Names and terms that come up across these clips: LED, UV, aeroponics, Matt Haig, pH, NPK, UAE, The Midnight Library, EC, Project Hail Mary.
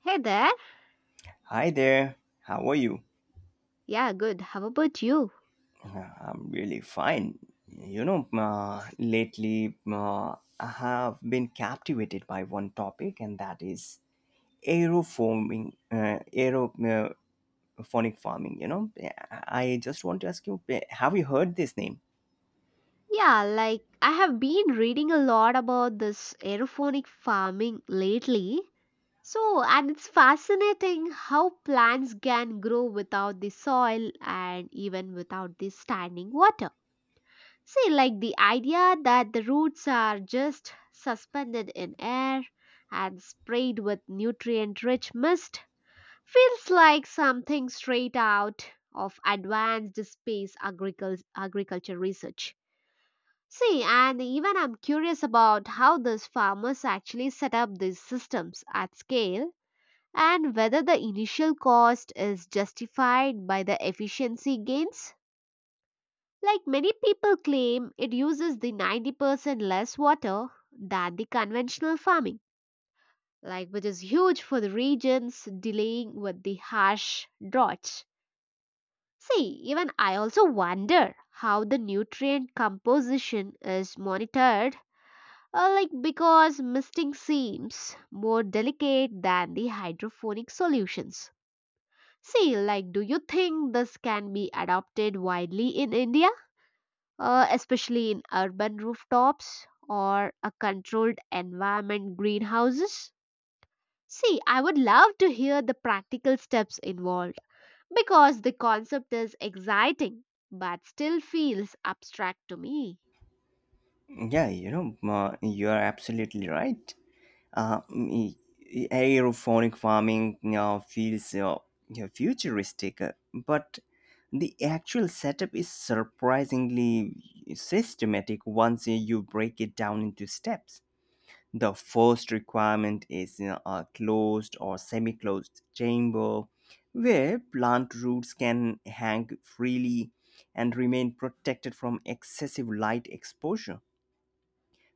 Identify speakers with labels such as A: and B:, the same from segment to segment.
A: Hey there.
B: Hi there. How are you?
A: Yeah, good. How about you?
B: I'm really fine. Lately I have been captivated by one topic, and that is aeroforming, aerophonic farming. You know, I just want to ask you, have you heard this name?
A: Yeah, like I have been reading a lot about this aerophonic farming lately. So, and it's fascinating how plants can grow without the soil and even without the standing water. See, like the idea that the roots are just suspended in air and sprayed with nutrient rich mist feels like something straight out of advanced space agriculture research. See, and even I'm curious about how these farmers actually set up these systems at scale and whether the initial cost is justified by the efficiency gains. Like many people claim, it uses the 90% less water than the conventional farming, like which is huge for the regions dealing with the harsh droughts. See, even I also wonder how the nutrient composition is monitored, like because misting seems more delicate than the hydroponic solutions. See, like, do you think this can be adopted widely in India, especially in urban rooftops or a controlled environment greenhouses? See, I would love to hear the practical steps involved because the concept is exciting but still feels abstract to me.
B: You are absolutely right. Uh, mm, e- Aerophonic farming you feels you futuristic, but the actual setup is surprisingly systematic once you break it down into steps. The first requirement is, you know, a closed or semi closed chamber where plant roots can hang freely and remain protected from excessive light exposure,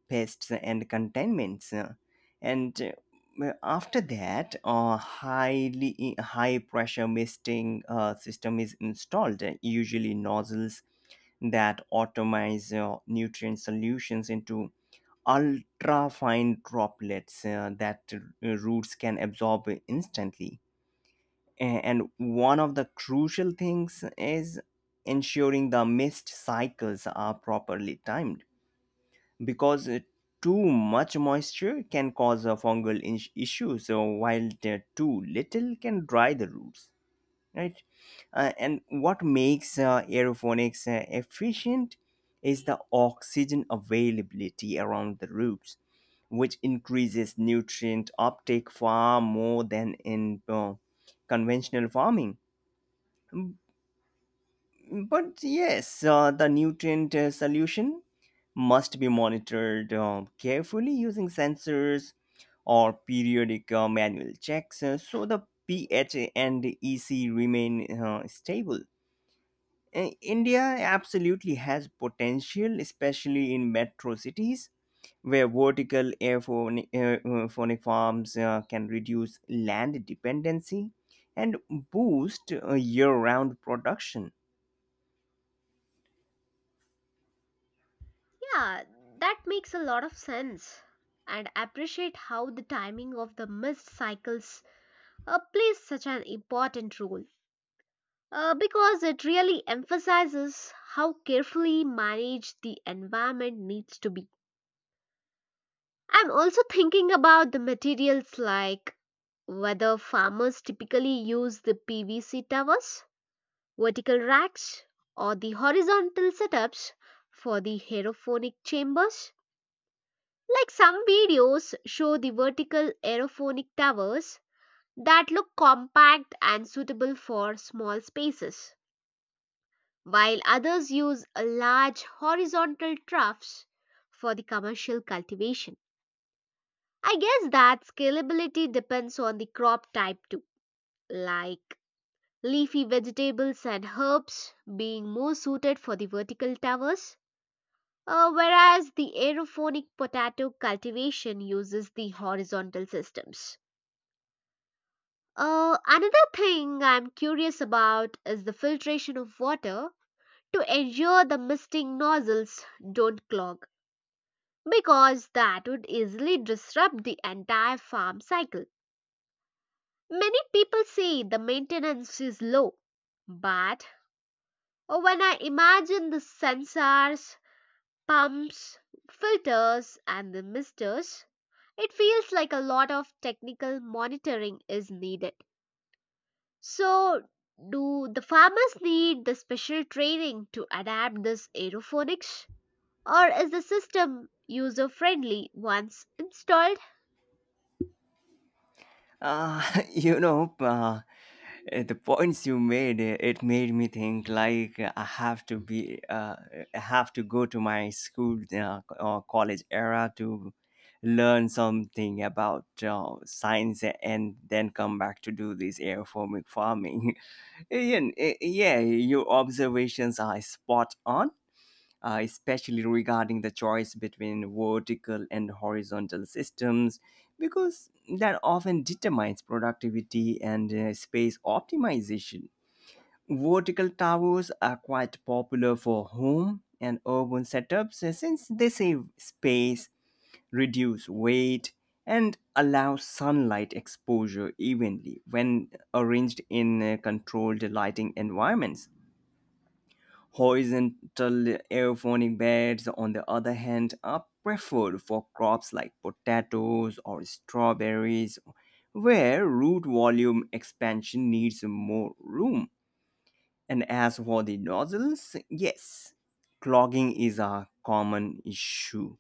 B: pests and contaminants, and well, after that a high pressure misting system is installed, usually nozzles that atomize nutrient solutions into ultra fine droplets that roots can absorb instantly. And one of the crucial things is ensuring the mist cycles are properly timed, because too much moisture can cause a issue, so while the too little can dry the roots, right. And what makes aeroponics efficient is the oxygen availability around the roots, which increases nutrient uptake far more than in conventional farming. But yes, the nutrient solution must be monitored carefully using sensors or periodic manual checks, so the pH and EC remain stable. India absolutely has potential, especially in metro cities where vertical aeroponic farms can reduce land dependency and boost year round production.
A: Yeah, that makes a lot of sense. And I appreciate how the timing of the missed cycles plays such an important role. Because it really emphasizes how carefully managed the environment needs to be. I'm also thinking about the materials like whether farmers typically use the PVC towers, vertical racks, or the horizontal setups for the aerophonic chambers. Like some videos show the vertical aerophonic towers that look compact and suitable for small spaces, while others use a large horizontal troughs for the commercial cultivation. I guess that scalability depends on the crop type too, like leafy vegetables and herbs being more suited for the vertical towers, whereas the aerophonic potato cultivation uses the horizontal systems. Another thing I'm curious about is the filtration of water to ensure the misting nozzles don't clog, because that would easily disrupt the entire farm cycle. Many people say the maintenance is low, but when I imagine the sensors, pumps, filters, and the misters, it feels like a lot of technical monitoring is needed. So, do the farmers need the special training to adapt this aeroponics? Or is the system user friendly once installed?
B: Uh, you know, uh, the points you made, it made me think like I have to I have to go to my school or college era to learn something about science, and then come back to do this aerophonic farming. Yeah, yeah, your observations are spot on, especially regarding the choice between vertical and horizontal systems, because that often determines productivity and space optimization. Vertical towers are quite popular for home and urban setups, since they save space, reduce weight, and allow sunlight exposure evenly when arranged in controlled lighting environments. Horizontal aeroponic beds, on the other hand, are preferred for crops like potatoes or strawberries, where root volume expansion needs more room. And as for the nozzles, yes, clogging is a common issue.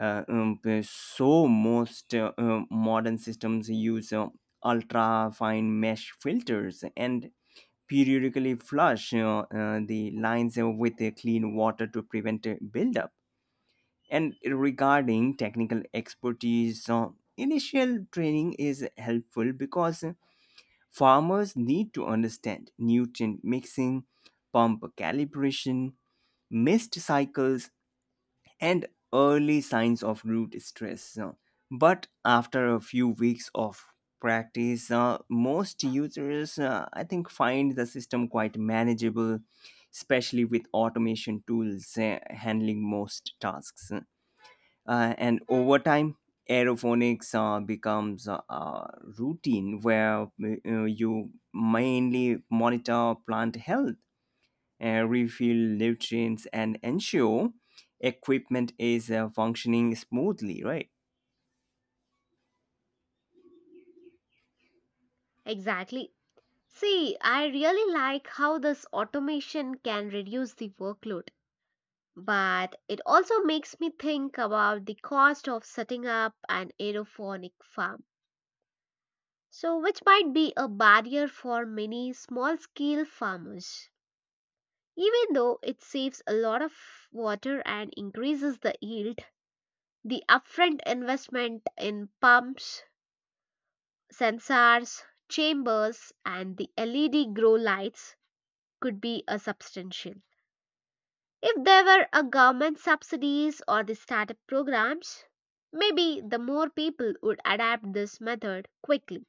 B: So most, modern systems use ultra fine mesh filters and periodically flush, the lines with clean water to prevent buildup. And regarding technical expertise, initial training is helpful because farmers need to understand nutrient mixing, pump calibration, mist cycles, and early signs of root stress. But after a few weeks of practice, most users, I think, find the system quite manageable, especially with automation tools handling most tasks. And over time, aerophonics becomes a routine where you mainly monitor plant health, refill nutrients, and ensure equipment is functioning smoothly, right?
A: Exactly. See, I really like how this automation can reduce the workload, but it also makes me think about the cost of setting up an aerophonic farm, so which might be a barrier for many small scale farmers. Even though it saves a lot of water and increases the yield, the upfront investment in pumps, sensors, chambers, and the LED grow lights could be a substantial. If there were a government subsidies or the startup programs, maybe the more people would adapt this method quickly.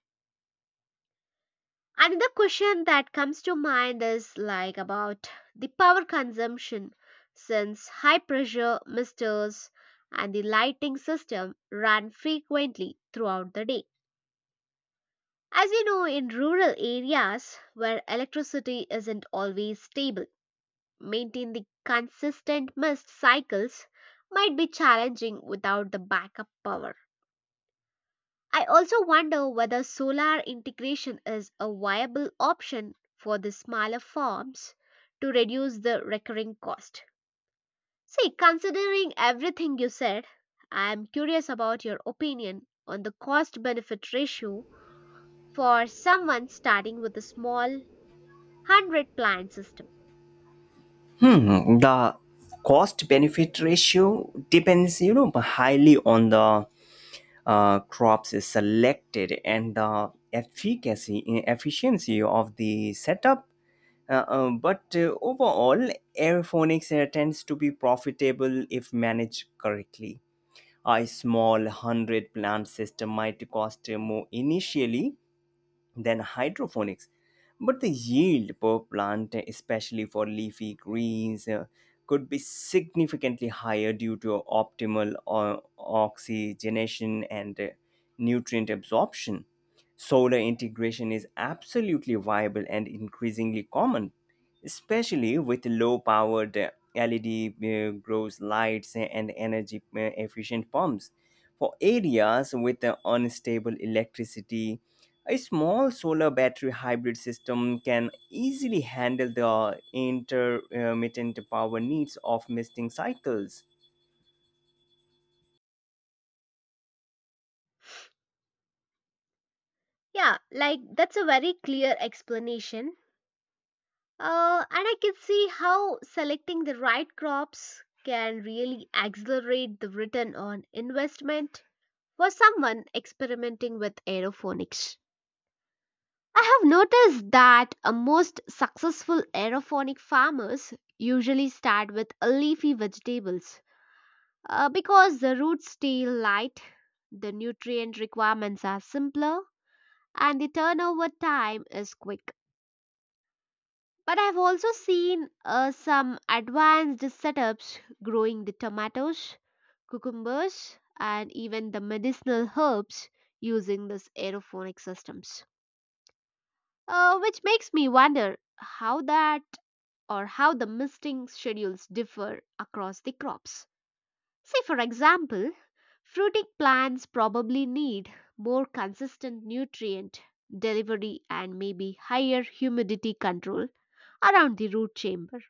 A: Another question that comes to mind is like about the power consumption since high pressure misters and the lighting system run frequently throughout the day. As you know, in rural areas where electricity isn't always stable, maintain the consistent mist cycles might be challenging without the backup power. I also wonder whether solar integration is a viable option for the smaller farms to reduce the recurring cost. See, considering everything you said, I am curious about your opinion on the cost benefit ratio for someone starting with a small 100 plant system.
B: Hmm, the cost benefit ratio depends, you know, highly on the crops is selected and the efficacy efficiency of the setup. But Overall, aerophonics tends to be profitable if managed correctly. A small 100 plant system might cost more initially, than hydroponics. But the yield per plant, especially for leafy greens, could be significantly higher due to optimal oxygenation and nutrient absorption. Solar integration is absolutely viable and increasingly common, especially with low powered LED grows lights and energy efficient pumps. For areas with unstable electricity, a small solar battery hybrid system can easily handle the intermittent power needs of misting cycles.
A: Yeah, like that's a very clear explanation. And I can see how selecting the right crops can really accelerate the return on investment for someone experimenting with aeroponics. I have noticed that most successful aeroponic farmers usually start with leafy vegetables because the roots stay light, the nutrient requirements are simpler, and the turnover time is quick. But I've also seen some advanced setups growing the tomatoes, cucumbers, and even the medicinal herbs using these aerophonic systems. Which makes me wonder how that or how the misting schedules differ across the crops. Say, for example, fruiting plants probably need more consistent nutrient delivery and maybe higher humidity control around the root chamber.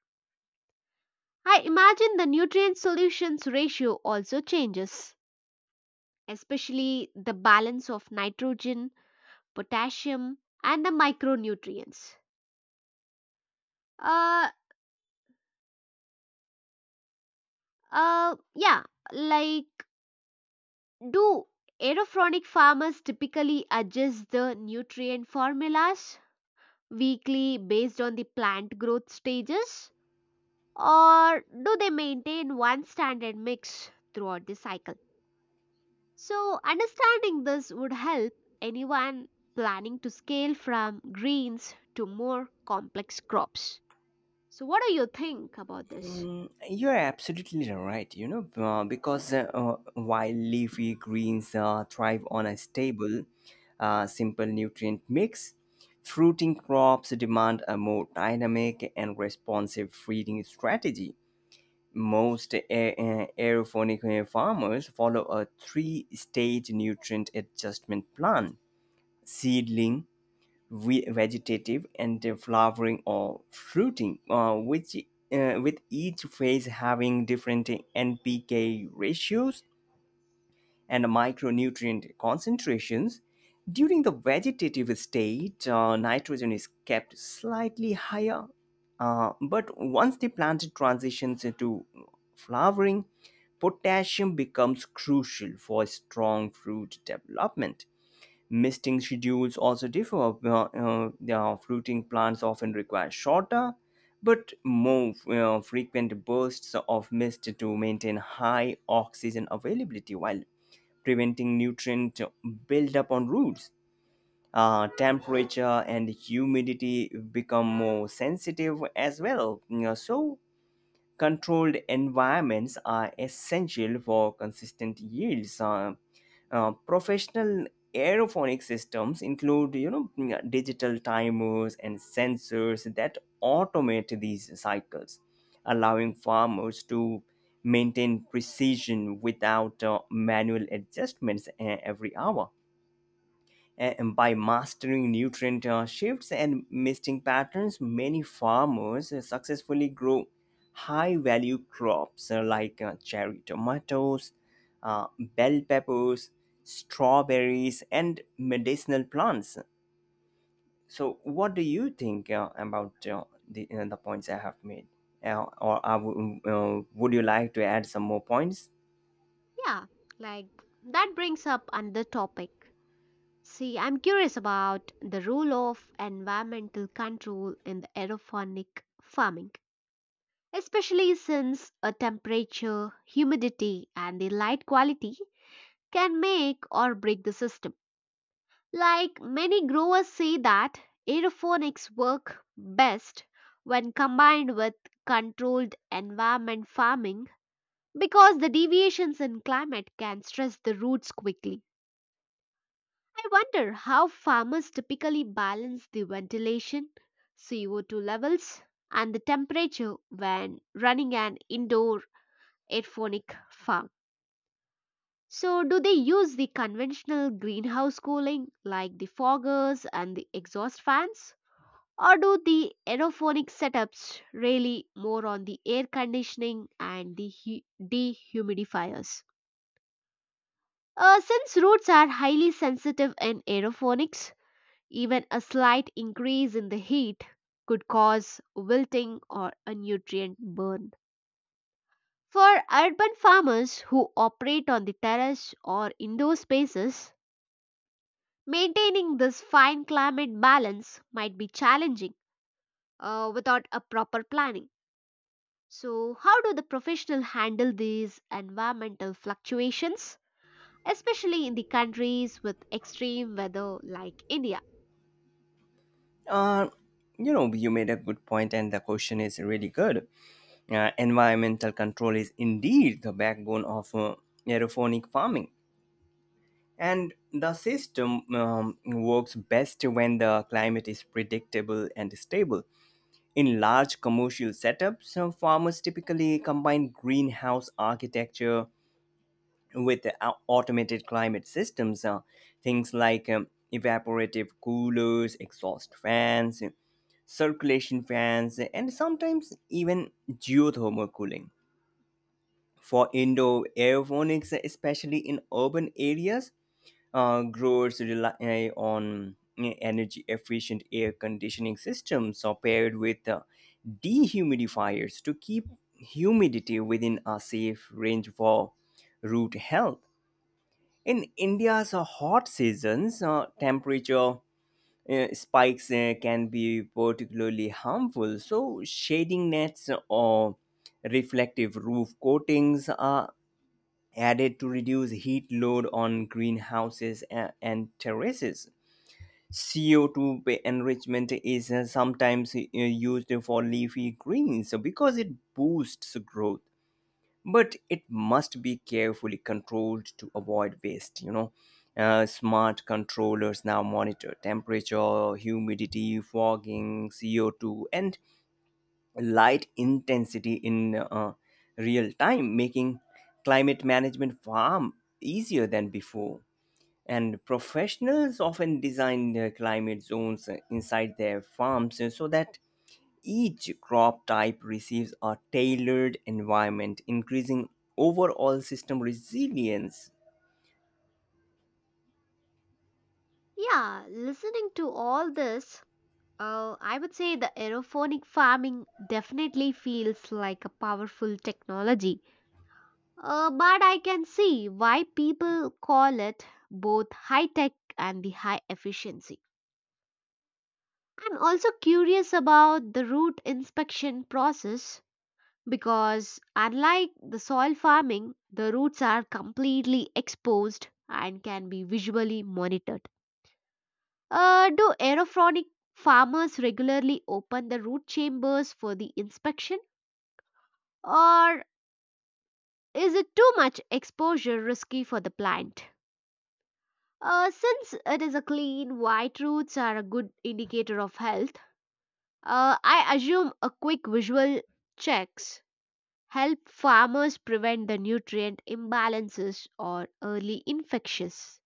A: I imagine the nutrient solutions ratio also changes, especially the balance of nitrogen, potassium, and the micronutrients. Uh, uh, yeah, like do aerophonic farmers typically adjust the nutrient formulas weekly based on the plant growth stages, or do they maintain one standard mix throughout the cycle? So, understanding this would help anyone planning to scale from greens to more complex crops. So, what do you think about this?
B: Mm, you're absolutely right, because while leafy greens thrive on a stable, simple nutrient mix, fruiting crops demand a more dynamic and responsive feeding strategy. Most aeroponic farmers follow a three stage nutrient adjustment plan: seedling, vegetative, and the flowering or fruiting, which with each phase having different NPK ratios and micronutrient concentrations. During the vegetative state, nitrogen is kept slightly higher, but once the plant transitions into flowering, potassium becomes crucial for strong fruit development. Misting schedules also differ. The fruiting plants often require shorter but more frequent bursts of mist to maintain high oxygen availability while preventing nutrient buildup on roots. Temperature and humidity become more sensitive as well. You know, so controlled environments are essential for consistent yields. Professional aerophonic systems include, you know, digital timers and sensors that automate these cycles, allowing farmers to maintain precision without manual adjustments every hour. By mastering nutrient shifts and misting patterns, many farmers successfully grow high value crops like cherry tomatoes, uh, bell peppers, strawberries, and medicinal plants. So, what do you think about the points I have made? Or would you like to add some more points?
A: Yeah, like that brings up another topic. See, I'm curious about the role of environmental control in the aerophonic farming, especially since a temperature, humidity, and the light quality can make or break the system. Like many growers say that aeroponics work best when combined with controlled environment farming because the deviations in climate can stress the roots quickly. I wonder how farmers typically balance the ventilation, CO2 levels, and the temperature when running an indoor aeroponic farm. So, do they use the conventional greenhouse cooling like the foggers and the exhaust fans? Or do the aerophonic setups really more on the air conditioning and the dehumidifiers? Since roots are highly sensitive in aerophonics, even a slight increase in the heat could cause wilting or a nutrient burn. For urban farmers who operate on the terrace or indoor spaces, maintaining this fine climate balance might be challenging without a proper planning. So, how do the professional handle these environmental fluctuations, especially in the countries with extreme weather like India?
B: Uh, you know, you made a good point, and the question is really good. Environmental control is indeed the backbone of aerophonic farming, and the system works best when the climate is predictable and stable. In large commercial setups, farmers typically combine greenhouse architecture with automated climate systems, things like, evaporative coolers, exhaust fans, circulation fans, and sometimes even geothermal cooling. For indoor aeroponics, especially in urban areas, growers rely on energy efficient air conditioning systems or paired with dehumidifiers to keep humidity within a safe range for root health. In India's hot seasons, temperature spikes can be particularly harmful, so shading nets or reflective roof coatings are added to reduce heat load on greenhouses and terraces. CO2 enrichment is sometimes used for leafy greens because it boosts growth, but it must be carefully controlled to avoid waste. You know, smart controllers now monitor temperature, humidity, fogging, CO2, and light intensity in real time, making climate management far easier than before. And professionals often design their climate zones inside their farms so that each crop type receives a tailored environment, increasing overall system resilience.
A: Yeah, listening to all this, I would say the aerophonic farming definitely feels like a powerful technology. But I can see why people call it both high tech and the high efficiency. I'm also curious about the root inspection process because unlike the soil farming, the roots are completely exposed and can be visually monitored. Do aerophonic farmers regularly open the root chambers for the inspection, or is it too much exposure risky for the plant? Since it is a clean, white roots are a good indicator of health, I assume a quick visual checks help farmers prevent the nutrient imbalances or early infections.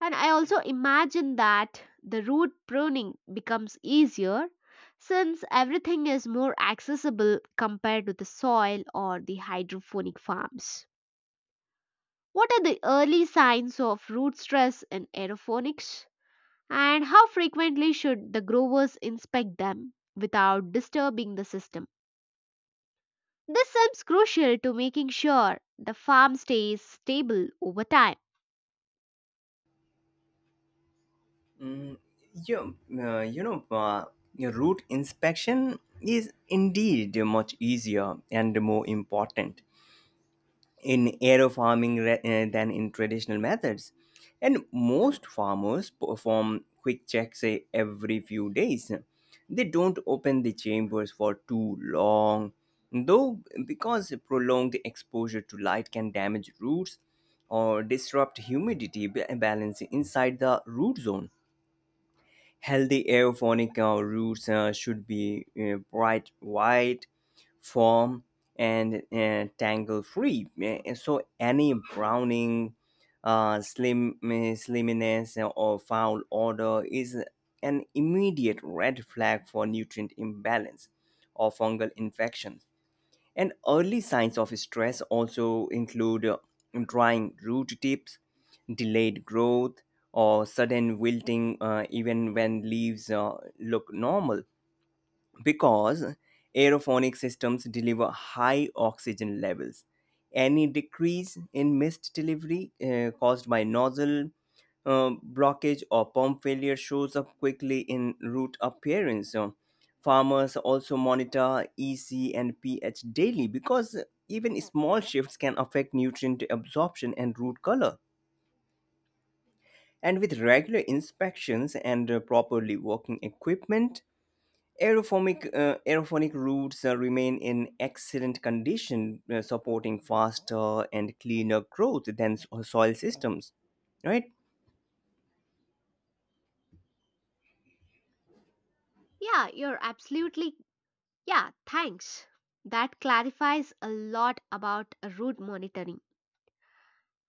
A: And I also imagine that the root pruning becomes easier since everything is more accessible compared to the soil or the hydroponic farms. What are the early signs of root stress in aeroponics? And how frequently should the growers inspect them without disturbing the system? This seems crucial to making sure the farm stays stable over time.
B: You, uh, you know, uh, your root inspection is indeed much easier and more important in aero farming, than in traditional methods. And most farmers perform quick checks, say, every few days. They don't open the chambers for too long, though, because prolonged exposure to light can damage roots or disrupt humidity balance inside the root zone. Healthy aerophonic roots should be bright white, form and tangle free. So any browning, slimness or foul odor is an immediate red flag for nutrient imbalance or fungal infections. And early signs of stress also include drying root tips, delayed growth, or sudden wilting, even when leaves look normal, because aerophonic systems deliver high oxygen levels. Any decrease in mist delivery caused by nozzle blockage or pump failure shows up quickly in root appearance. So farmers also monitor EC and pH daily because even small shifts can affect nutrient absorption and root color. And with regular inspections and properly working equipment, aerophonic roots remain in excellent condition, supporting faster and cleaner growth than soil systems, right?
A: Yeah, you're absolutely. Yeah, thanks. That clarifies a lot about root monitoring.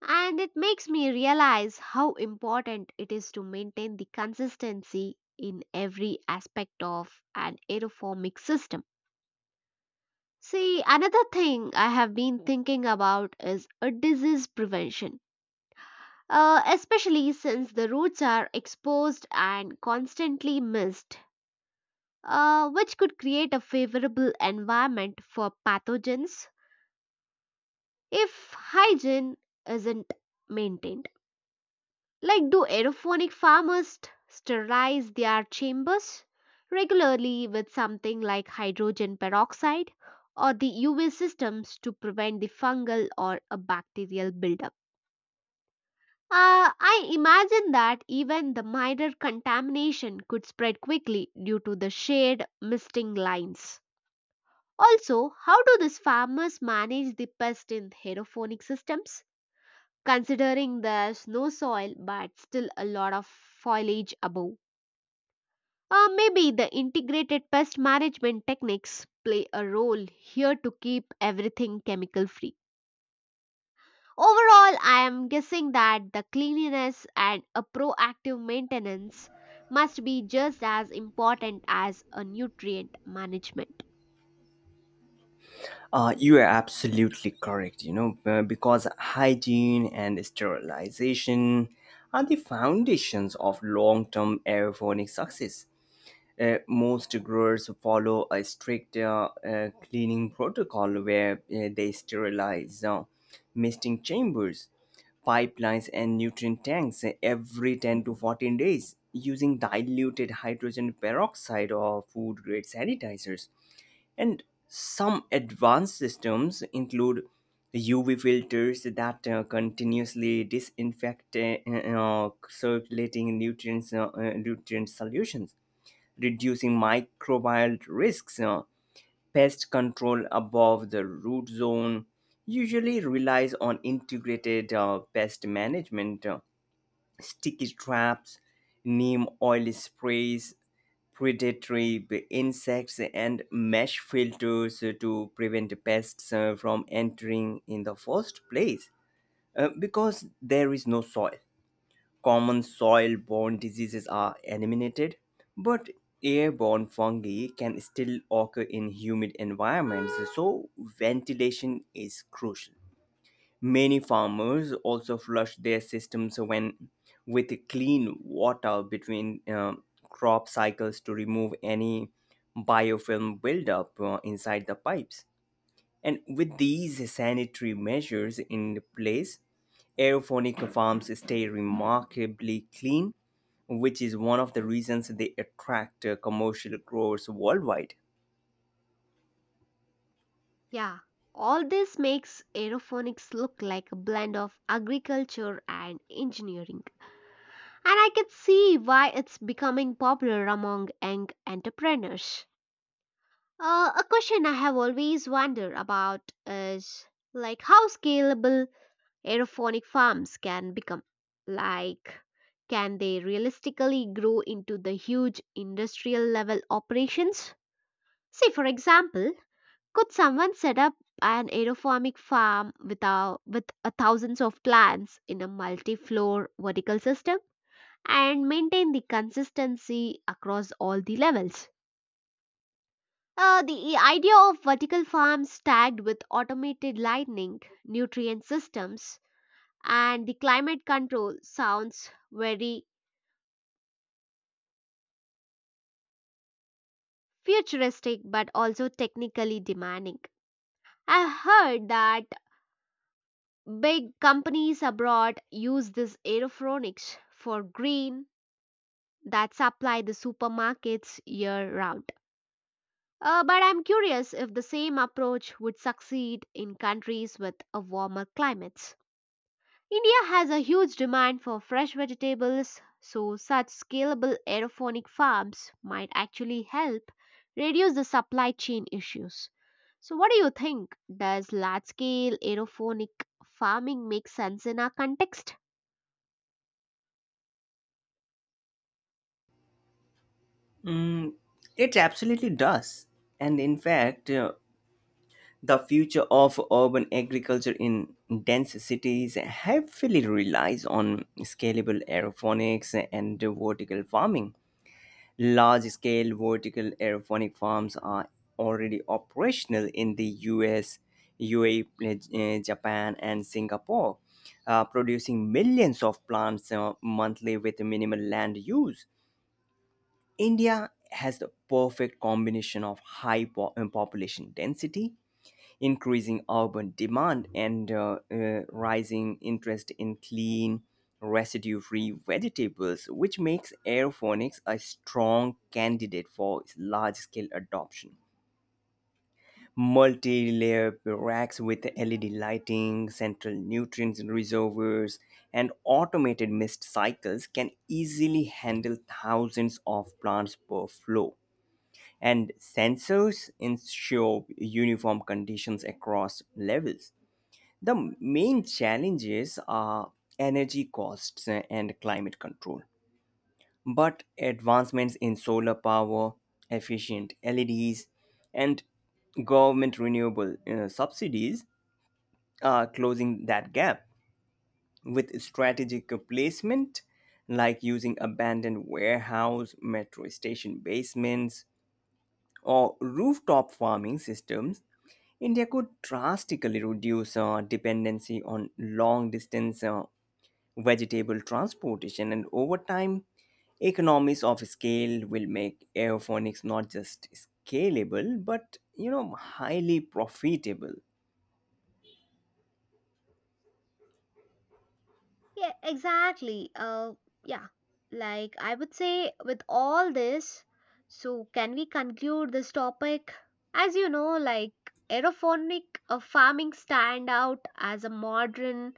A: And it makes me realize how important it is to maintain the consistency in every aspect of an aeroformic system. See, another thing I have been thinking about is a disease prevention, especially since the roots are exposed and constantly missed, which could create a favorable environment for pathogens if hygiene isn't maintained. Like, do aerophonic farmers sterilize their chambers regularly with something like hydrogen peroxide or the UV systems to prevent the fungal or a bacterial buildup? I imagine that even the minor contamination could spread quickly due to the shade misting lines. Also, how do these farmers manage the pest in aeroponic systems? Considering there's no soil but still a lot of foliage above. Maybe the integrated pest management techniques play a role here to keep everything chemical free. Overall, I am guessing that the cleanliness and a proactive maintenance must be just as important as a nutrient management.
B: You are absolutely correct, because hygiene and sterilization are the foundations of long term aerophonic success. Most growers follow a strict cleaning protocol where they sterilize misting chambers, pipelines, and nutrient tanks every 10 to 14 days using diluted hydrogen peroxide or food grade sanitizers. And some advanced systems include UV filters that continuously disinfect, circulating nutrients, nutrient solutions, reducing microbial risks. Pest control above the root zone usually relies on integrated pest management: sticky traps, neem oil sprays, predatory insects, and mesh filters to prevent pests from entering in the first place, because there is no soil. Common soil borne diseases are eliminated, but airborne fungi can still occur in humid environments, so ventilation is crucial. Many farmers also flush their systems when with clean water between crop cycles to remove any biofilm buildup inside the pipes. And with these sanitary measures in place, aerophonic farms stay remarkably clean, which is one of the reasons they attract commercial growers worldwide.
A: Yeah, all this makes aeroponics look like a blend of agriculture and engineering. And I can see why it's becoming popular among young entrepreneurs. A question I have always wondered about is like how scalable aerophonic farms can become. Like, can they realistically grow into the huge industrial level operations? See, for example, could someone set up an aerophonic farm with, with a thousands of plants in a multi floor vertical system and maintain the consistency across all the levels? The idea of vertical farms tagged with automated lighting, nutrient systems, and the climate control sounds very futuristic but also technically demanding. I heard that big companies abroad use this aerophonics for green that supply the supermarkets year round. But I'm curious if the same approach would succeed in countries with a warmer climates. India has a huge demand for fresh vegetables, so such scalable aeroponic farms might actually help reduce the supply chain issues. So, what do you think? Does large scale aeroponic farming make sense in our context?
B: It absolutely does. And in fact, the future of urban agriculture in dense cities heavily relies on scalable aeroponics and vertical farming. Large scale vertical aeroponic farms are already operational in the US, UAE, Japan, and Singapore, producing millions of plants monthly with minimal land use. India has the perfect combination of high population density, increasing urban demand and rising interest in clean, residue free vegetables, which makes aeroponics a strong candidate for large scale adoption. Multi layer racks with LED lighting, central nutrient reservoirs, and automated mist cycles can easily handle thousands of plants per flow, and sensors ensure uniform conditions across levels. The main challenges are energy costs and climate control. But advancements in solar power, efficient LEDs, and government renewable subsidies are closing that gap. With strategic placement like using abandoned warehouse, metro station basements, or rooftop farming systems, India could drastically reduce dependency on long distance vegetable transportation, and over time, economies of scale will make aeroponics not just scalable but, you know, highly profitable.
A: Yeah, exactly. Yeah, I would say with all this, so can we conclude this topic? As you know, like aerophonic farming stand out as a modern,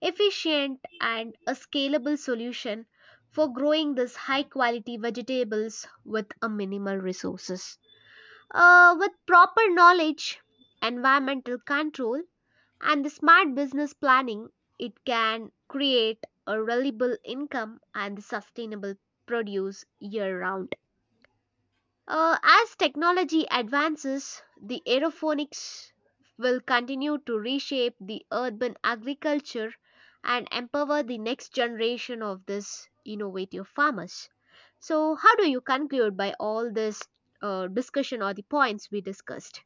A: efficient, and a scalable solution for growing this high quality vegetables with a minimal resources. With proper knowledge, environmental control, and the smart business planning, it can create a reliable income and sustainable produce year round. As technology advances, the aeroponics will continue to reshape the urban agriculture and empower the next generation of this innovative farmers. So how do you conclude by all this discussion or the points we discussed?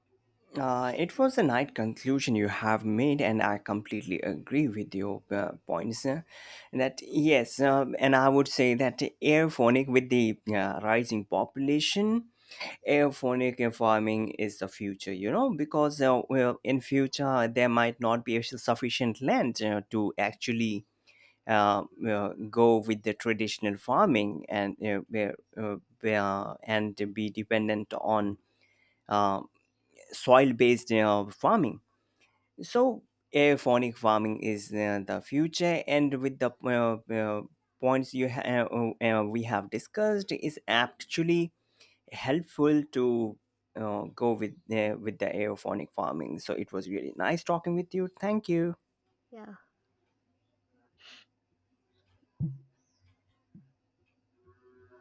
B: It was a nice conclusion you have made, and I completely agree with your points. That yes, and I would say that aerophonic with the rising population, aerophonic farming is the future, you know, because well, in future there might not be sufficient land to actually go with the traditional farming, and to be dependent on uh, soil based farming. So aerophonic farming is the future, and with the points you ha- we have discussed is actually helpful to go with the aerophonic farming. So it was really nice talking with you. Thank you.
A: Yeah.